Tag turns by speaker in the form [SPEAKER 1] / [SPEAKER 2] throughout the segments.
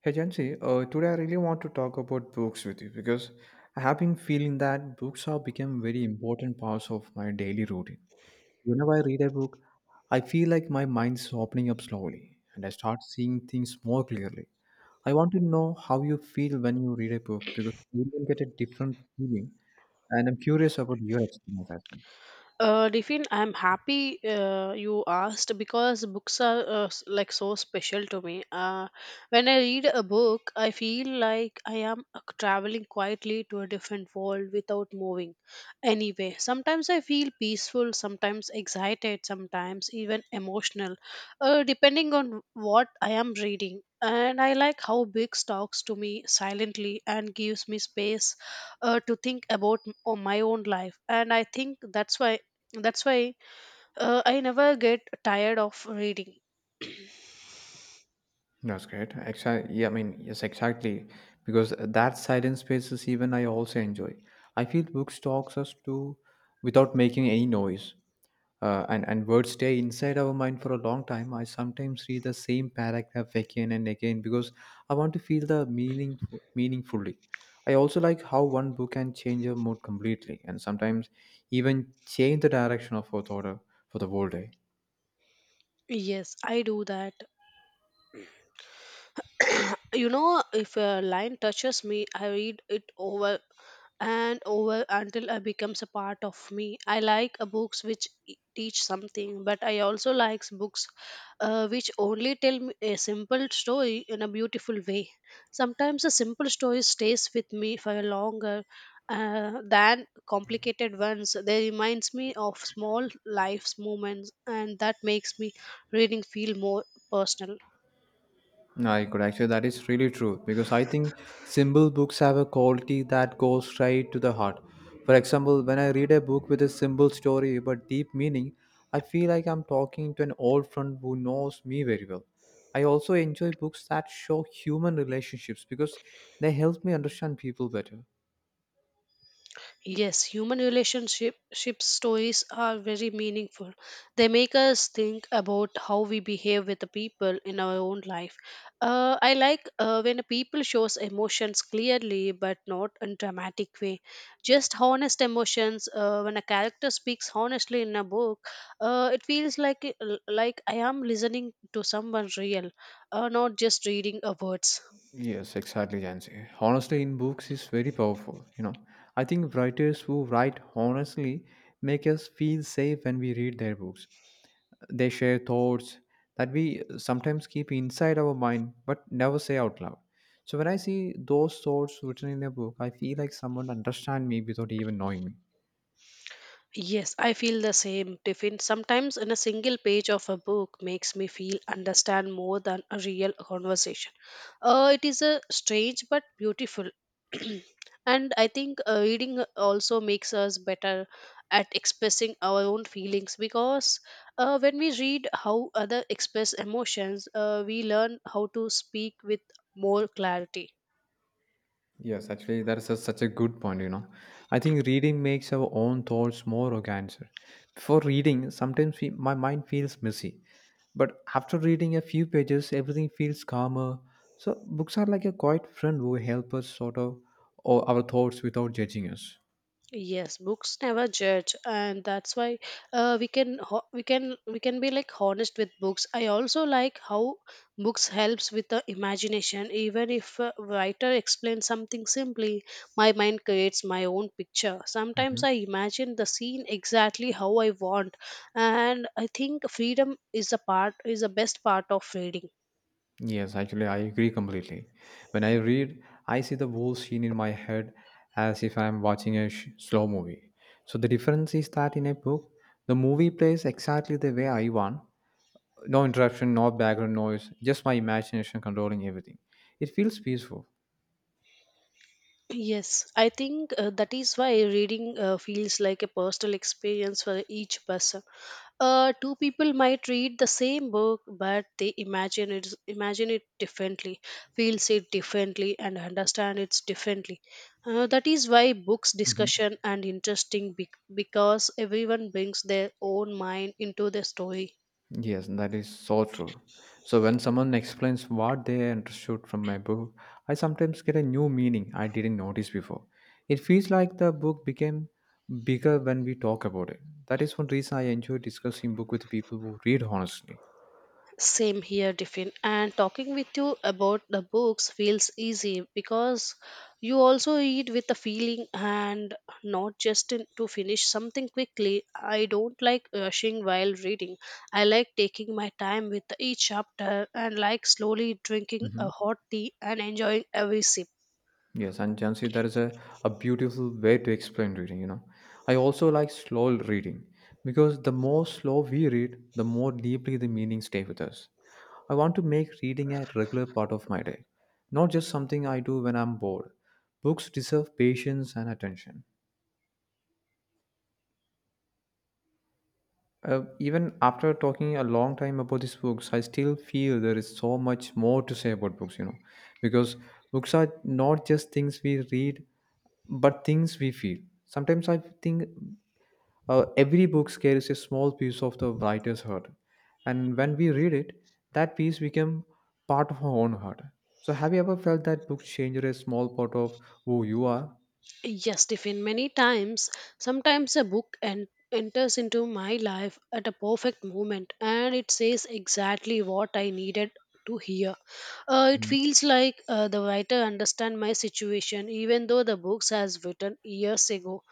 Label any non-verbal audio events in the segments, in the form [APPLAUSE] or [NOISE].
[SPEAKER 1] Hey Jansi, today I really want to talk about books with you because I have been feeling that books have become very important parts of my daily routine. Whenever I read a book, I feel like my mind's opening up slowly and I start seeing things more clearly. I want to know how you feel when you read a book because you will get a different feeling and I'm curious about your experience as well.
[SPEAKER 2] Riffin, I'm happy you asked because books are like so special to me. When I read a book, I feel like I am traveling quietly to a different world without moving. Anyway, sometimes I feel peaceful, sometimes excited, sometimes even emotional, depending on what I am reading. And I like how books talks to me silently and gives me space to think about my own life and I think that's why I never get tired of reading.
[SPEAKER 1] That's great. Exactly. Yeah, I mean, yes, exactly. Because that silent spaces, even I also enjoy. I feel books talks us to without making any noise, and words stay inside our mind for a long time. I sometimes read the same paragraph again and again because I want to feel the meaning meaningfully. I also like how one book can change your mood completely, and sometimes even change the direction of our thought for the whole day.
[SPEAKER 2] Yes, I do that. [COUGHS] [CLEARS THROAT] You know if a line touches me I read it over and over until it becomes a part of me. I like books which teach something, but I also likes books which only tell me a simple story in a beautiful way. Sometimes a simple story stays with me for longer than complicated ones. They reminds me of small life's moments, and that makes me reading feel more personal.
[SPEAKER 1] No, I could actually, that is really true because I think simple books have a quality that goes straight to the heart. For example, when I read a book with a simple story but deep meaning, I feel like I'm talking to an old friend who knows me very well. I also enjoy books that show human relationships because they help me understand people better.
[SPEAKER 2] Yes, human relationship ship stories are very meaningful. They make us think about how we behave with the people in our own life. I like when a people shows emotions clearly, but not in dramatic way. Just honest emotions. When a character speaks honestly in a book, it feels like I am listening to someone real, not just reading a words.
[SPEAKER 1] Yes, exactly, Jansi. Honestly, in books is very powerful. I think writers who write honestly make us feel safe when we read their books. They share thoughts that we sometimes keep inside our mind but never say out loud. So when I see those thoughts written in a book, I feel like someone understands me without even knowing me.
[SPEAKER 2] Yes, I feel the same, Tiffin. Sometimes in a single page of a book makes me feel understand more than a real conversation. It is a strange but beautiful. [CLEARS THROAT] And I think reading also makes us better at expressing our own feelings because when we read how other express emotions, we learn how to speak with more clarity.
[SPEAKER 1] Yes, actually, that is such a good point. I think reading makes our own thoughts more organic. Before reading, sometimes we, my mind feels messy, but after reading a few pages, everything feels calmer. So books are like a quiet friend who help us sort of or our thoughts without judging us.
[SPEAKER 2] Yes, books never judge, and that's why we can we can be like honest with books. I also like how books helps with the imagination. Even if a writer explains something simply, my mind creates my own picture. Sometimes
[SPEAKER 1] Mhm.
[SPEAKER 2] I imagine the scene exactly how I want, and I think freedom is a part is the best part of reading.
[SPEAKER 1] Yes, actually, I agree completely. When I read, I see the whole scene in my head as if I'm watching a slow movie. So the difference is that in a book, the movie plays exactly the way I want. No interruption, no background noise, just my imagination controlling everything. It feels peaceful.
[SPEAKER 2] Yes, I think that is why reading feels like a personal experience for each person. Two people might read the same book, but they imagine it differently, feels it differently, and understand it differently. That is why books
[SPEAKER 1] Mhm.
[SPEAKER 2] discussion and interesting because everyone brings their own mind into the story.
[SPEAKER 1] Yes, that is so true. So when someone explains what they understood from my book, I sometimes get a new meaning I didn't notice before. It feels like the book became bigger when we talk about it. That is one reason I enjoy discussing book with people who read honestly.
[SPEAKER 2] Same here, Tiffin. And talking with you about the books feels easy because you also read with a feeling and not just in, to finish something quickly. I don't like rushing while reading. I like taking my time with each chapter and like slowly drinking a
[SPEAKER 1] Mhm.
[SPEAKER 2] hot tea and enjoying every sip.
[SPEAKER 1] Yes, and Jansi, that is a beautiful way to explain reading. I also like slow reading because the more slow we read, the more deeply the meaning stay with us. I want to make reading a regular part of my day, not just something I do when I'm bored. Books deserve patience and attention. Even after talking a long time about these books, I still feel there is so much more to say about books, because books are not just things we read, but things we feel. Sometimes I think every book carries a small piece of the writer's heart, and when we read it, that piece become part of our own heart. So, have you ever felt that book changed a small part of who you are?
[SPEAKER 2] Yes, Tiffin, many times, sometimes a book and enters into my life at a perfect moment, and it says exactly what I needed to hear. It feels like the writer understand my situation even though the books has written years ago.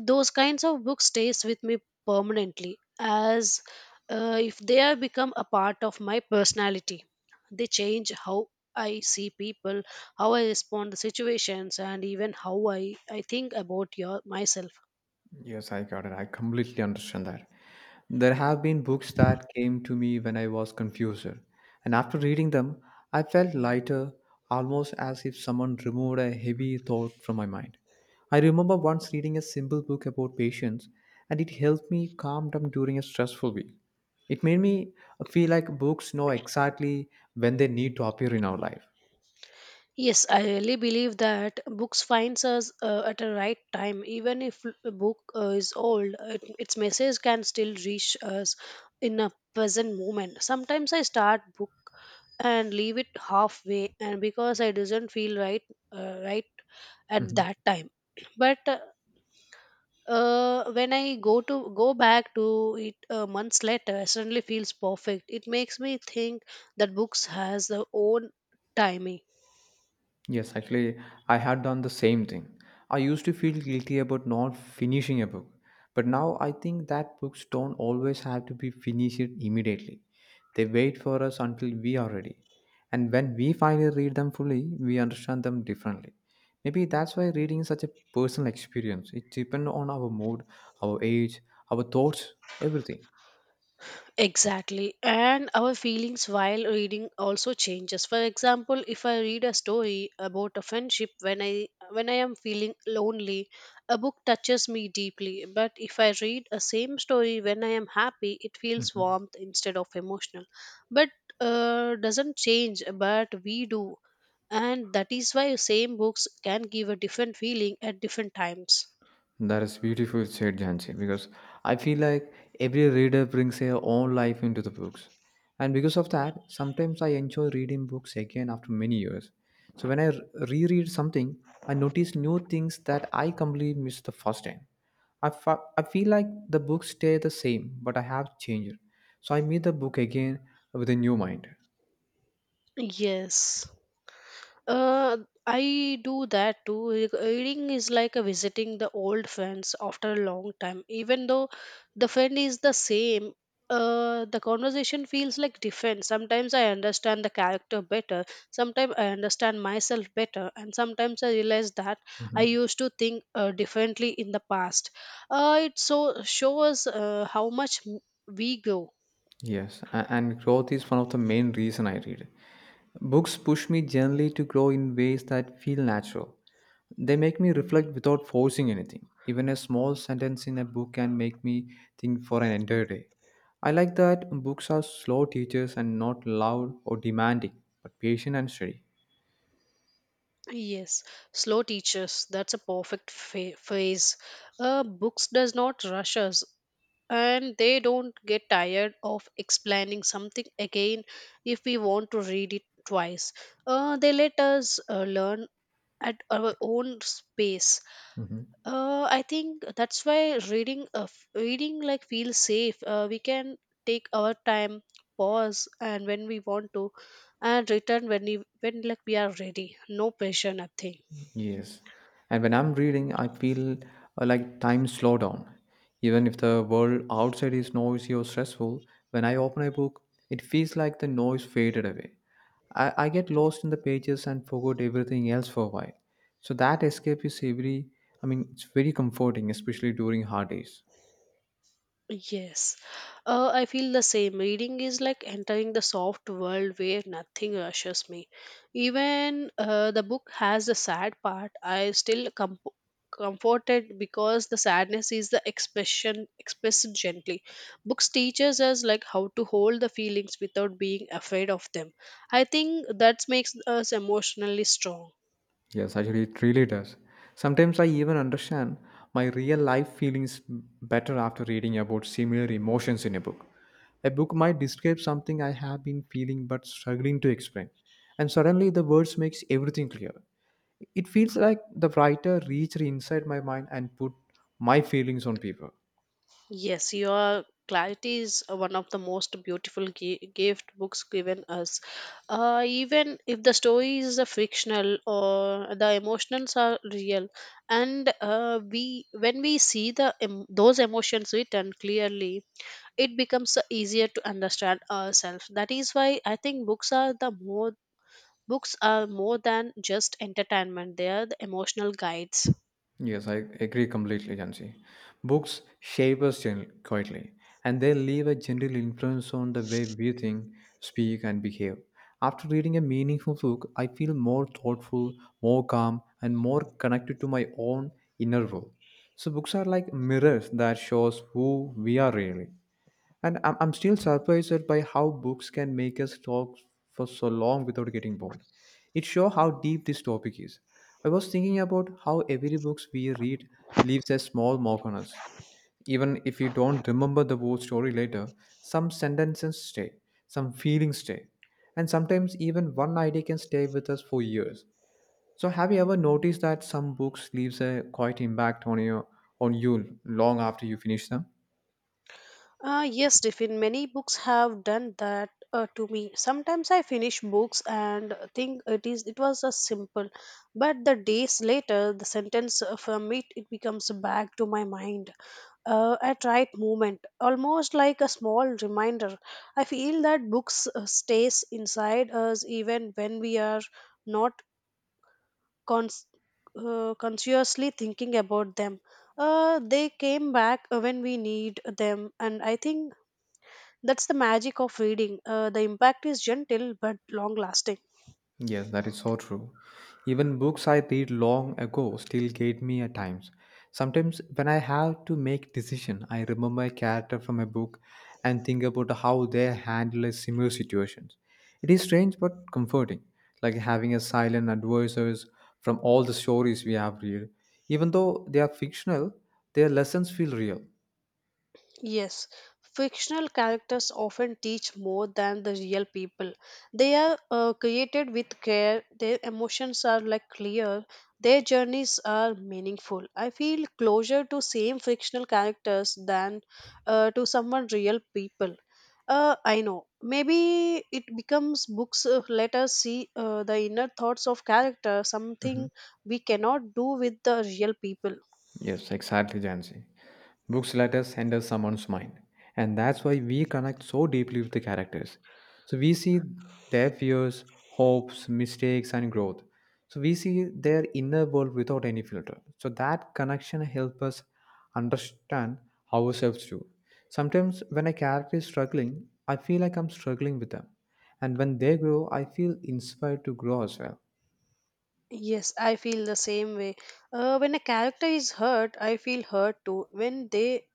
[SPEAKER 2] Those kinds of books stays with me permanently as if they have become a part of my personality. They change how I see people, how I respond to situations, and even how I think about myself.
[SPEAKER 1] Yes, I got it. I completely understand that. There have been books that came to me when I was confused, and after reading them, I felt lighter, almost as if someone removed a heavy thought from my mind. I remember once reading a simple book about patience, and it helped me calm down during a stressful week. It made me feel like books know exactly when they need to appear in our life.
[SPEAKER 2] Yes, I really believe that books finds us at a right time. Even if a book is old, it, its message can still reach us in a present moment. Sometimes I start book and leave it halfway, and because I doesn't feel right, uh, right at
[SPEAKER 1] Mm-hmm.
[SPEAKER 2] that time. [CLEARS THROAT] But when I go back to it months later, I suddenly feels perfect. It makes me think that books has their own timing.
[SPEAKER 1] Yes, actually, I had done the same thing. I used to feel guilty about not finishing a book, but now I think that books don't always have to be finished immediately. They wait for us until we are ready. And when we finally read them fully, we understand them differently. Maybe that's why reading is such a personal experience. It depends on our mood, our age, our thoughts, everything.
[SPEAKER 2] Exactly, and our feelings while reading also changes. For example, if I read a story about a friendship when I am feeling lonely, a book touches me deeply. But if I read a same story when I am happy, it feels
[SPEAKER 1] Mhm.
[SPEAKER 2] warmth instead of emotional. But doesn't change, but we do, and that is why same books can give a different feeling at different times.
[SPEAKER 1] That is beautiful said, Jansi, because I feel like every reader brings their own life into the books. And because of that, sometimes I enjoy reading books again after many years. So when I reread something, I notice new things that I completely missed the first time. I feel like the books stay the same, but I have changed. So I meet the book again with a new mind.
[SPEAKER 2] Yes. Uh, I do that too. Reading is like a visiting the old friends after a long time. Even though the friend is the same, the conversation feels like different. Sometimes I understand the character better. Sometimes I understand myself better, and sometimes I realize that I
[SPEAKER 1] Mm-hmm.
[SPEAKER 2] used to think differently in the past. It so shows how much we grow.
[SPEAKER 1] Yes, and growth is one of the main reason I read. Books push me generally to grow in ways that feel natural. They make me reflect without forcing anything. Even a small sentence in a book can make me think for an entire day. I like that books are slow teachers and not loud or demanding, but patient and steady.
[SPEAKER 2] Yes, slow teachers. That's a perfect phrase. Books does not rush us, and they don't get tired of explaining something again if we want to read it twice. They let us learn at our own space.
[SPEAKER 1] Mhm.
[SPEAKER 2] I think that's why reading, reading like feels safe. We can take our time, pause, and when we want to, and return when like we are ready. No pressure, nothing.
[SPEAKER 1] Yes. And when I'm reading, I feel like time slow down. Even if the world outside is noisy or stressful, when I open a book, it feels like the noise faded away. I get lost in the pages and forgot everything else for a while. So that escape is very, I mean, it's very comforting, especially during hard days.
[SPEAKER 2] Yes, I feel the same. Reading is like entering the soft world where nothing rushes me. Even the book has the sad part. I still comforted because the sadness is the expression expressed gently. Books teaches us like how to hold the feelings without being afraid of them. I think that makes us emotionally strong.
[SPEAKER 1] Yes, actually, it really does. Sometimes I even understand my real life feelings better after reading about similar emotions in a book. A book might describe something I have been feeling but struggling to explain, and suddenly the words makes everything clear. It feels like the writer reached inside my mind and put my feelings on paper.
[SPEAKER 2] Yes, your clarity is one of the most beautiful gift books given us. Even if the story is a fictional or the emotions are real, and we when we see the those emotions written clearly, it becomes easier to understand ourselves. That is why I think books are more than just entertainment. They are the emotional guides.
[SPEAKER 1] Yes, I agree completely, Jansi. Books shape us quietly, and they leave a gentle influence on the way we think, speak, and behave. After reading a meaningful book, I feel more thoughtful, more calm, and more connected to my own inner world. So books are like mirrors that shows who we are really. And I'm still surprised by how books can make us talk for so long without getting bored. It shows how deep this topic is. I was thinking about how every book we read leaves a small mark on us. Even if you don't remember the whole story later, some sentences stay, some feelings stay, and sometimes even one idea can stay with us for years. So have you ever noticed that some books leaves a quite impact on you long after you finish them?
[SPEAKER 2] Yes, Tiffin, many books have done that to me. Sometimes I finish books and think it was a simple, but the days later, the sentence from it it becomes back to my mind. At right moment, almost like a small reminder. I feel that books stays inside us even when we are not cons- consciously thinking about them. They came back when we need them, and I think that's the magic of reading. The impact is gentle but long lasting.
[SPEAKER 1] Yes, that is so true. Even books I read long ago still get me at times. Sometimes when I have to make decision, I remember a character from a book and think about how they handle a similar situations. It is strange but comforting, like having a silent advisors from all the stories we have read. Even though they are fictional, their lessons feel real.
[SPEAKER 2] Yes, fictional characters often teach more than the real people. They are created with care, their emotions are like clear, their journeys are meaningful. I feel closer to same fictional characters than to someone real people. I know. Maybe it becomes books. Let us see the inner thoughts of character, something
[SPEAKER 1] Mhm.
[SPEAKER 2] we cannot do with the real people.
[SPEAKER 1] Yes, exactly, Jansi. Books let us enter someone's mind, and that's why we connect so deeply with the characters. So we see their fears, hopes, mistakes, and growth. So we see their inner world without any filter. So that connection helps us understand ourselves too. Sometimes when a character is struggling, I feel like I'm struggling with them. And when they grow, I feel inspired to grow as well.
[SPEAKER 2] Yes, I feel the same way. When a character is hurt, I feel hurt too. When they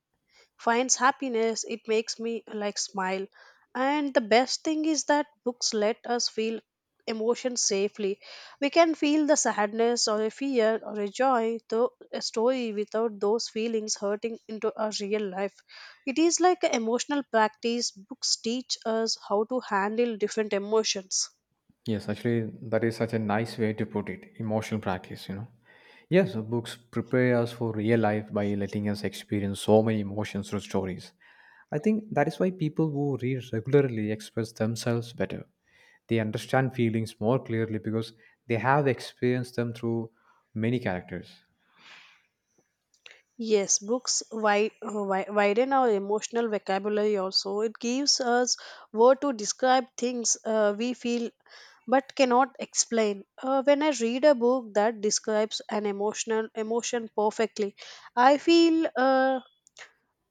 [SPEAKER 2] finds happiness, it makes me like smile. And the best thing is that books let us feel emotions safely. We can feel the sadness or a fear or a joy through a story without those feelings hurting into our real life. It is like an emotional practice. Books teach us how to handle different emotions.
[SPEAKER 1] Yes, actually, that is such a nice way to put it. Emotional practice. Yes, so books prepare us for real life by letting us experience so many emotions through stories. I think that is why people who read regularly express themselves better. They understand feelings more clearly because they have experienced them through many characters.
[SPEAKER 2] Yes, books widen our emotional vocabulary also. It gives us word to describe things we feel but cannot explain. When I read a book that describes an emotional emotion perfectly, I feel uh,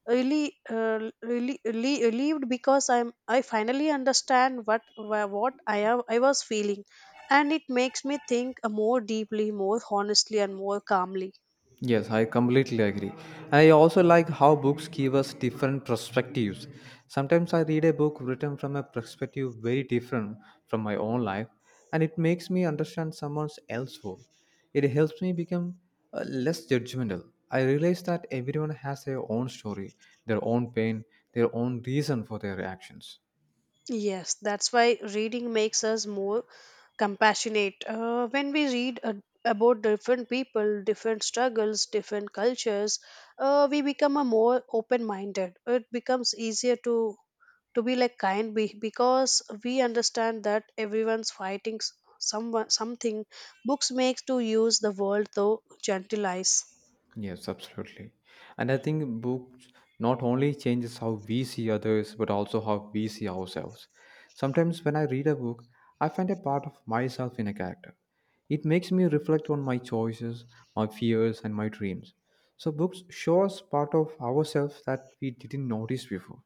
[SPEAKER 2] really, uh, really, really relieved because I finally understand what I was feeling, and it makes me think more deeply, more honestly, and more calmly.
[SPEAKER 1] Yes, I completely agree. I also like how books give us different perspectives. Sometimes I read a book written from a perspective very different from my own life, and it makes me understand someone else's world. It helps me become less judgmental. I realize that everyone has their own story, their own pain, their own reason for their reactions.
[SPEAKER 2] Yes, that's why reading makes us more compassionate. When we read about different people, different struggles, different cultures, we become a more open-minded. It becomes easier to be like kind, because we understand that everyone's fighting someone something. Books makes to use the world though gentle eyes.
[SPEAKER 1] Yes, absolutely. And I think books not only changes how we see others, but also how we see ourselves. Sometimes when I read a book, I find a part of myself in a character. It makes me reflect on my choices, my fears, and my dreams. So books show us part of ourselves that we didn't notice before.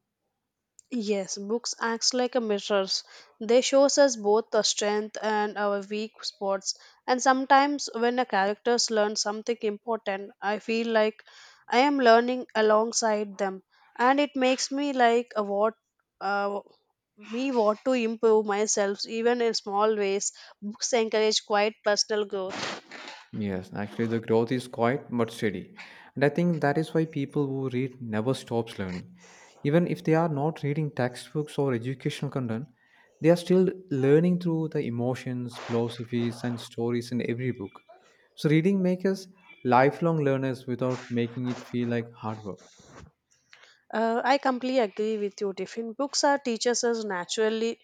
[SPEAKER 2] Yes, books acts like a mirrors. They shows us both the strength and our weak spots. And sometimes when a characters learn something important, I feel like I am learning alongside them, and it makes me like a what uh, me want to improve myself even in small ways. Books encourage quiet personal growth.
[SPEAKER 1] Yes, actually, the growth is quiet but steady. And I think that is why people who read never stops learning. Even if they are not reading textbooks or educational content, they are still learning through the emotions, philosophies, and stories in every book. So, reading makes us lifelong learners without making it feel like hard work.
[SPEAKER 2] I completely agree with you, Tiffin. Books are teachers us naturally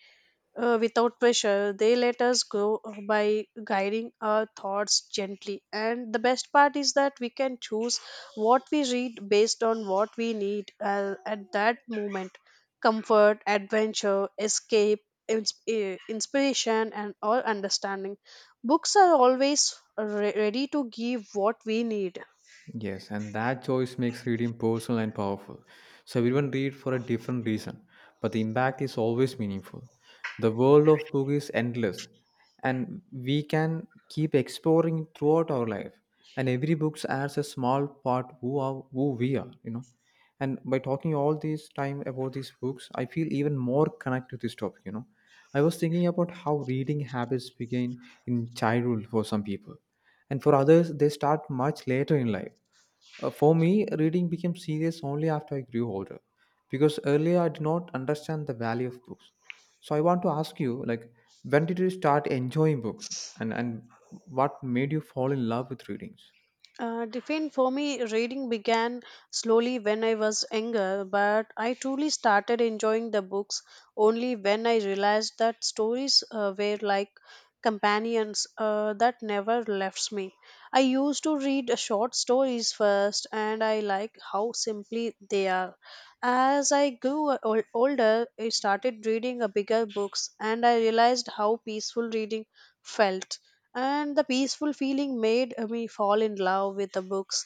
[SPEAKER 2] without pressure. They let us grow by guiding our thoughts gently. And the best part is that we can choose what we read based on what we need at that moment: comfort, adventure, escape, inspiration, and all understanding. Books are always ready to give what we need.
[SPEAKER 1] Yes, and that choice makes reading personal and powerful. So everyone read for a different reason, but the impact is always meaningful. The world of book is endless, and we can keep exploring it throughout our life. And every book adds a small part who we are, you know. And by talking all this time about these books, I feel even more connected to this topic, you know. I was thinking about how reading habits begin in childhood for some people, and for others, they start much later in life. For me, reading became serious only after I grew older, because earlier I did not understand the value of books. So I want to ask you, like, when did you start enjoying books, and what made you fall in love with readings?
[SPEAKER 2] Define for me, reading began slowly when I was younger, but I truly started enjoying the books only when I realized that stories were like companions that never left me. I used to read short stories first, and I like how simply they are. As I grew older, I started reading a bigger books and I realized how peaceful reading felt. And the peaceful feeling made me fall in love with the books.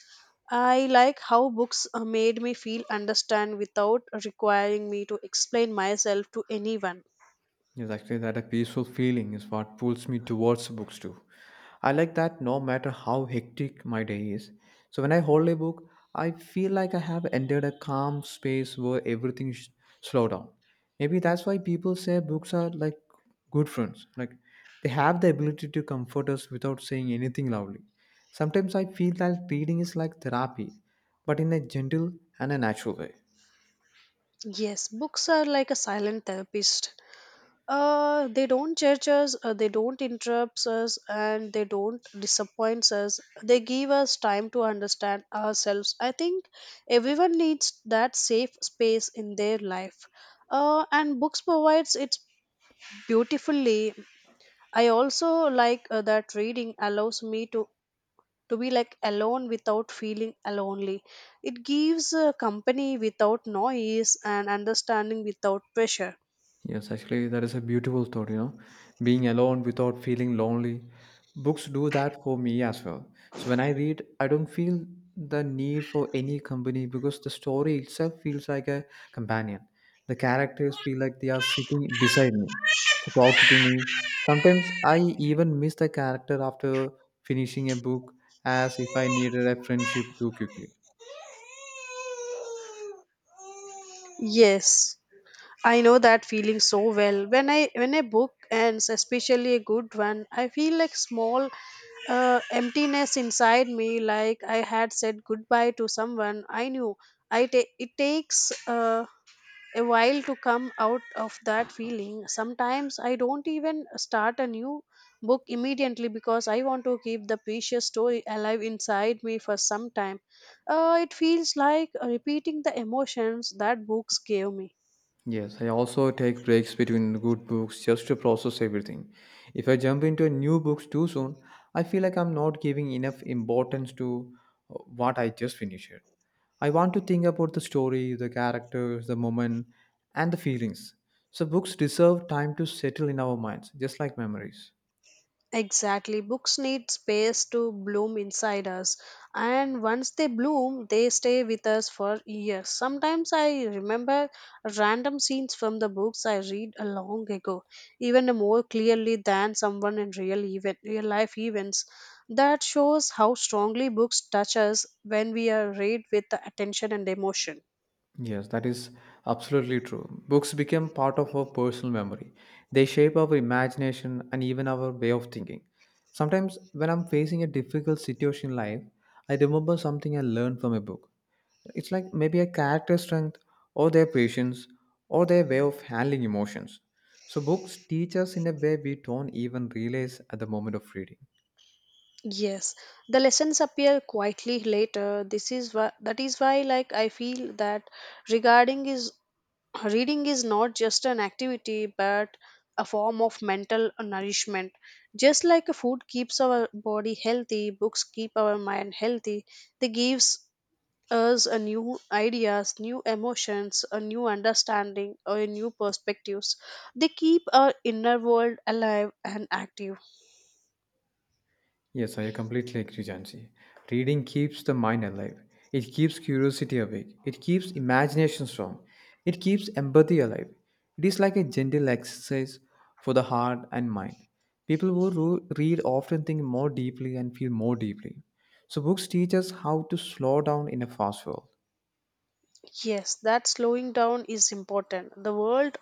[SPEAKER 2] I like how books made me feel understand without requiring me to explain myself to anyone.
[SPEAKER 1] Yes, actually, that a peaceful feeling is what pulls me towards books too. I like that no matter how hectic my day is. So when I hold a book, I feel like I have entered a calm space where everything slow down. Maybe that's why people say books are like good friends. Like they have the ability to comfort us without saying anything loudly. Sometimes I feel that reading is like therapy, but in a gentle and a natural way.
[SPEAKER 2] Yes, books are like a silent therapist. They don't judge us, they don't interrupt us, and they don't disappoint us. They give us time to understand ourselves. I think everyone needs that safe space in their life. And books provides it beautifully. I also like that reading allows me to be like alone without feeling lonely. It gives company without noise and understanding without pressure.
[SPEAKER 1] Yes, actually, that is a beautiful thought, you know, being alone without feeling lonely. Books do that for me as well. So when I read, I don't feel the need for any company because the story itself feels like a companion. The characters feel like they are sitting beside me, talking to me. Sometimes I even miss the character after finishing a book as if I needed a friendship too quickly.
[SPEAKER 2] Yes. I know that feeling so well. When I book and especially a good one, I feel like small emptiness inside me, like I had said goodbye to someone I knew. It takes a while to come out of that feeling. Sometimes I don't even start a new book immediately because I want to keep the precious story alive inside me for some time. It feels like repeating the emotions that books gave me.
[SPEAKER 1] Yes, I also take breaks between good books just to process everything. If I jump into a new books too soon, I feel like I'm not giving enough importance to what I just finished. I want to think about the story, the characters, the moment, and the feelings. So books deserve time to settle in our minds, just like memories.
[SPEAKER 2] Exactly. Books need space to bloom inside us, and once they bloom, they stay with us for years. Sometimes I remember random scenes from the books I read a long ago, even more clearly than someone in real life events. That shows how strongly books touch us when we are read with attention and emotion.
[SPEAKER 1] Yes, that is absolutely true. Books become part of our personal memory. They shape our imagination and even our way of thinking. Sometimes, when I'm facing a difficult situation in life, I remember something I learned from a book. It's like maybe a character's strength, or their patience, or their way of handling emotions. So, books teach us in a way we don't even realize at the moment of reading.
[SPEAKER 2] Yes, the lessons appear quietly later. That is why, like I feel that regarding is reading is not just an activity but a form of mental nourishment. Just like food keeps our body healthy, books keep our mind healthy. They gives us a new ideas, new emotions, a new understanding, or a new perspectives. They keep our inner world alive and active.
[SPEAKER 1] Yes, I completely agree, Jansi. Reading keeps the mind alive. It keeps curiosity awake. It keeps imagination strong. It keeps empathy alive. It is like a gentle exercise for the heart and mind. People who read often think more deeply and feel more deeply. So, books teach us how to slow down in a fast world.
[SPEAKER 2] Yes, that slowing down is important. The world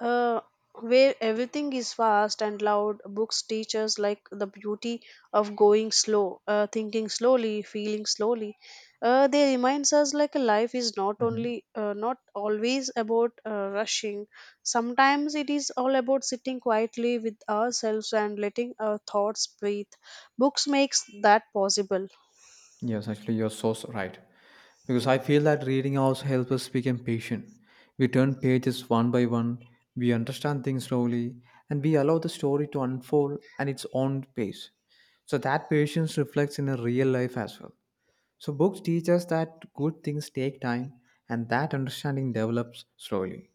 [SPEAKER 2] uh, where everything is fast and loud, books teach us like the beauty of going slow, thinking slowly, feeling slowly. They reminds us like life is not
[SPEAKER 1] Mhm.
[SPEAKER 2] only not always about rushing. Sometimes it is all about sitting quietly with ourselves and letting our thoughts breathe. Books makes that possible.
[SPEAKER 1] Yes, actually, you're so right. Because I feel that reading also helps us become patient. We turn pages one by one, we understand things slowly, and we allow the story to unfold at its own pace. So that patience reflects in a real life as well. So books teach us that good things take time and that understanding develops slowly.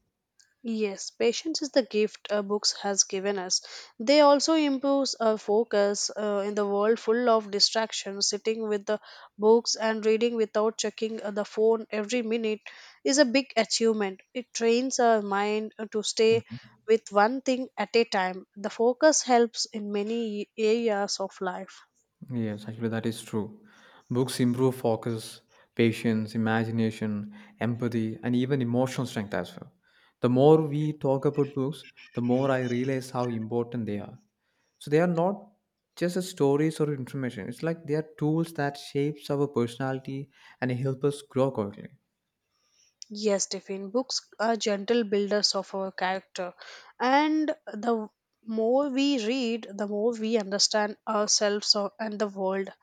[SPEAKER 2] Yes, patience is the gift books has given us. They also improve our focus in the world full of distractions. Sitting with the books and reading without checking the phone every minute is a big achievement. It trains our mind to stay
[SPEAKER 1] Mm-hmm.
[SPEAKER 2] with one thing at a time. The focus helps in many areas of life.
[SPEAKER 1] Yes, actually, that is true. Books improve focus, patience, imagination, empathy, and even emotional strength as well. The more we talk about books, the more I realize how important they are. So, they are not just as stories or information, it's like they are tools that shapes our personality and help us grow quickly.
[SPEAKER 2] Yes, Tiffin, books are gentle builders of our character. And the more we read, the more we understand ourselves and the world.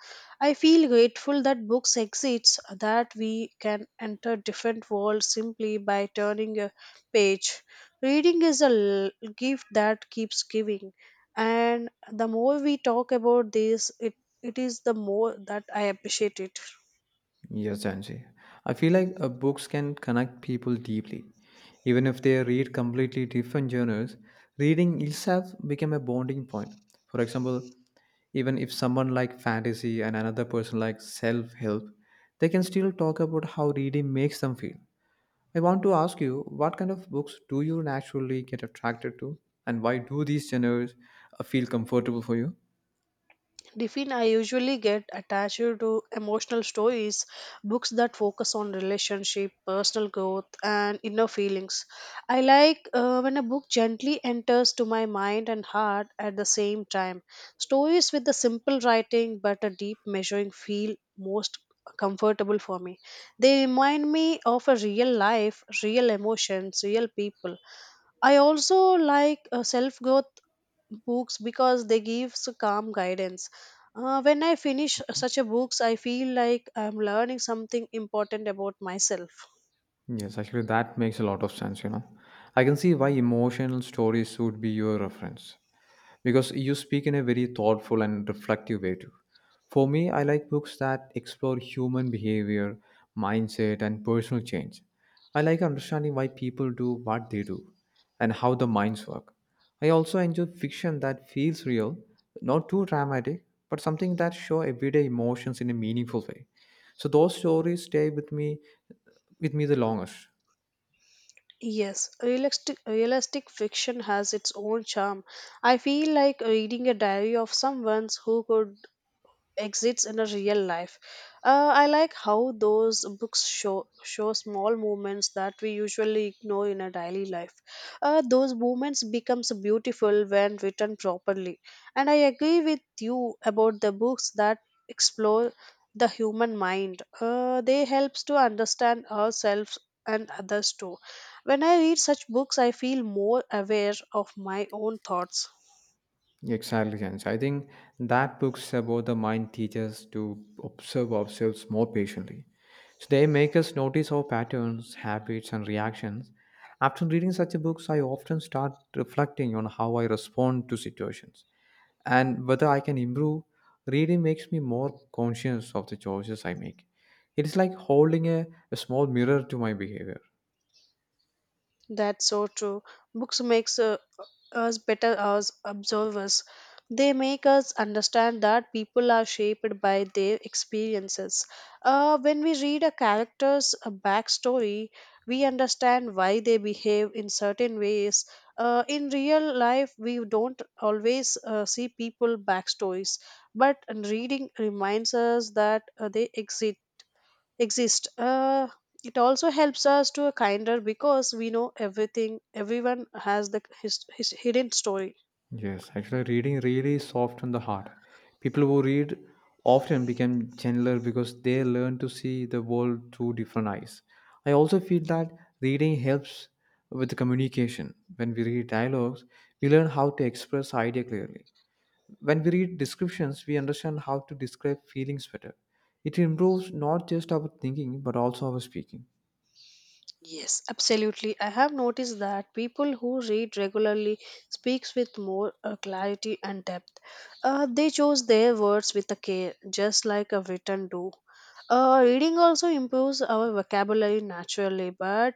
[SPEAKER 2] I feel grateful that books exist, that we can enter different worlds simply by turning a page. Reading is a gift that keeps giving. And the more we talk about this, it is the more that I appreciate it.
[SPEAKER 1] Yes, Janji. I feel like books can connect people deeply. Even if they read completely different genres, reading itself became a bonding point. For example, even if someone like fantasy and another person like self-help, they can still talk about how reading makes them feel. I want to ask you, what kind of books do you naturally get attracted to, and why do these genres feel comfortable for you?
[SPEAKER 2] Define I usually get attached to emotional stories, books that focus on relationship, personal growth, and inner feelings. I like when a book gently enters to my mind and heart at the same time. Stories with the simple writing but a deep measuring feel most comfortable for me. They remind me of a real emotions, real people. I also like self growth books because they give calm guidance. When I finish such a books, I feel like I'm learning something important about myself.
[SPEAKER 1] Yes, actually, that makes a lot of sense, you know. I can see why emotional stories would be your reference because you speak in a very thoughtful and reflective way too. For me, I like books that explore human behavior, mindset, and personal change. I like understanding why people do what they do and how the minds work. I also enjoy fiction that feels real, not too dramatic, but something that show everyday emotions in a meaningful way. So those stories stay with me the longest.
[SPEAKER 2] Yes, realistic fiction has its own charm. I feel like reading a diary of someone who could exists in a real life. I like how those books show small moments that we usually ignore in a daily life. Those moments becomes beautiful when written properly. And I agree with you about the books that explore the human mind. They helps to understand ourselves and others too. When I read such books, I feel more aware of my own thoughts.
[SPEAKER 1] Exactly, Jens. I think that books about the mind teach us to observe ourselves more patiently. So they make us notice our patterns, habits, and reactions. After reading such a books, I often start reflecting on how I respond to situations and whether I can improve. Reading makes me more conscious of the choices I make. It is like holding a small mirror to my behavior.
[SPEAKER 2] That's so true. Books makes us better as observers. They make us understand that people are shaped by their experiences. When we read a character's backstory, we understand why they behave in certain ways. In real life, we don't always see people backstories, but reading reminds us that they exist. It also helps us to a kinder because we know everything. Everyone has the his hidden story.
[SPEAKER 1] Yes, actually, reading really softens the heart. People who read often become gentler because they learn to see the world through different eyes. I also feel that reading helps with the communication. When we read dialogues, we learn how to express idea clearly. When we read descriptions, we understand how to describe feelings better. It improves not just our thinking but also our speaking.
[SPEAKER 2] Yes, absolutely. I have noticed that people who read regularly speaks with more clarity and depth. They choose their words with a care, just like a written do. Reading also improves our vocabulary naturally, but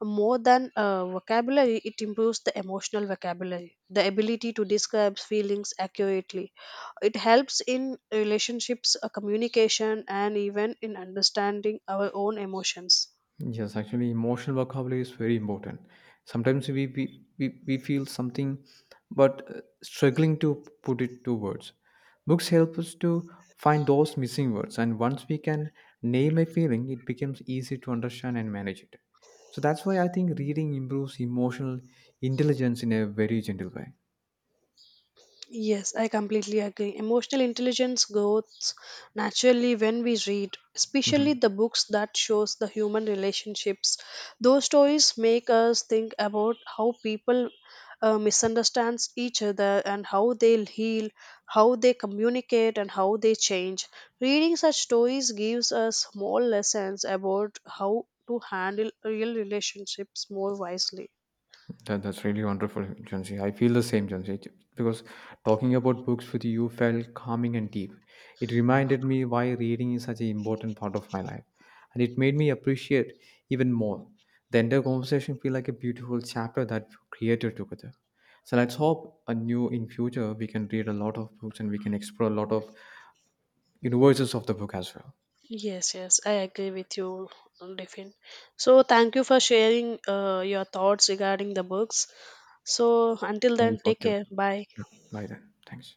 [SPEAKER 2] more than vocabulary, it improves the emotional vocabulary, the ability to describe feelings accurately. It helps in relationships, communication, and even in understanding our own emotions.
[SPEAKER 1] Yes, actually, emotional vocabulary is very important. Sometimes we feel something, but struggling to put it to words. Books help us to find those missing words, and once we can name a feeling, it becomes easy to understand and manage it. So that's why I think reading improves emotional intelligence in a very gentle way.
[SPEAKER 2] Yes, I completely agree. Emotional intelligence grows naturally when we read, especially
[SPEAKER 1] Mm-hmm.
[SPEAKER 2] the books that shows the human relationships. Those stories make us think about how people misunderstands each other and how they heal, how they communicate and how they change. Reading such stories gives us small lessons about how to handle real relationships more wisely.
[SPEAKER 1] That's really wonderful, Junsi. I feel the same, Junsi, because talking about books with you felt calming and deep. It reminded me why reading is such an important part of my life, and it made me appreciate even more. The entire conversation feel like a beautiful chapter that we created together. So let's hope a new in future we can read a lot of books and we can explore a lot of universes of the book as well.
[SPEAKER 2] Yes, yes, I agree with you, Diffin. So, thank you for sharing your thoughts regarding the books. So, until
[SPEAKER 1] Thank you
[SPEAKER 2] then,
[SPEAKER 1] for
[SPEAKER 2] take
[SPEAKER 1] too.
[SPEAKER 2] care. Bye.
[SPEAKER 1] Yeah, bye then. Thanks.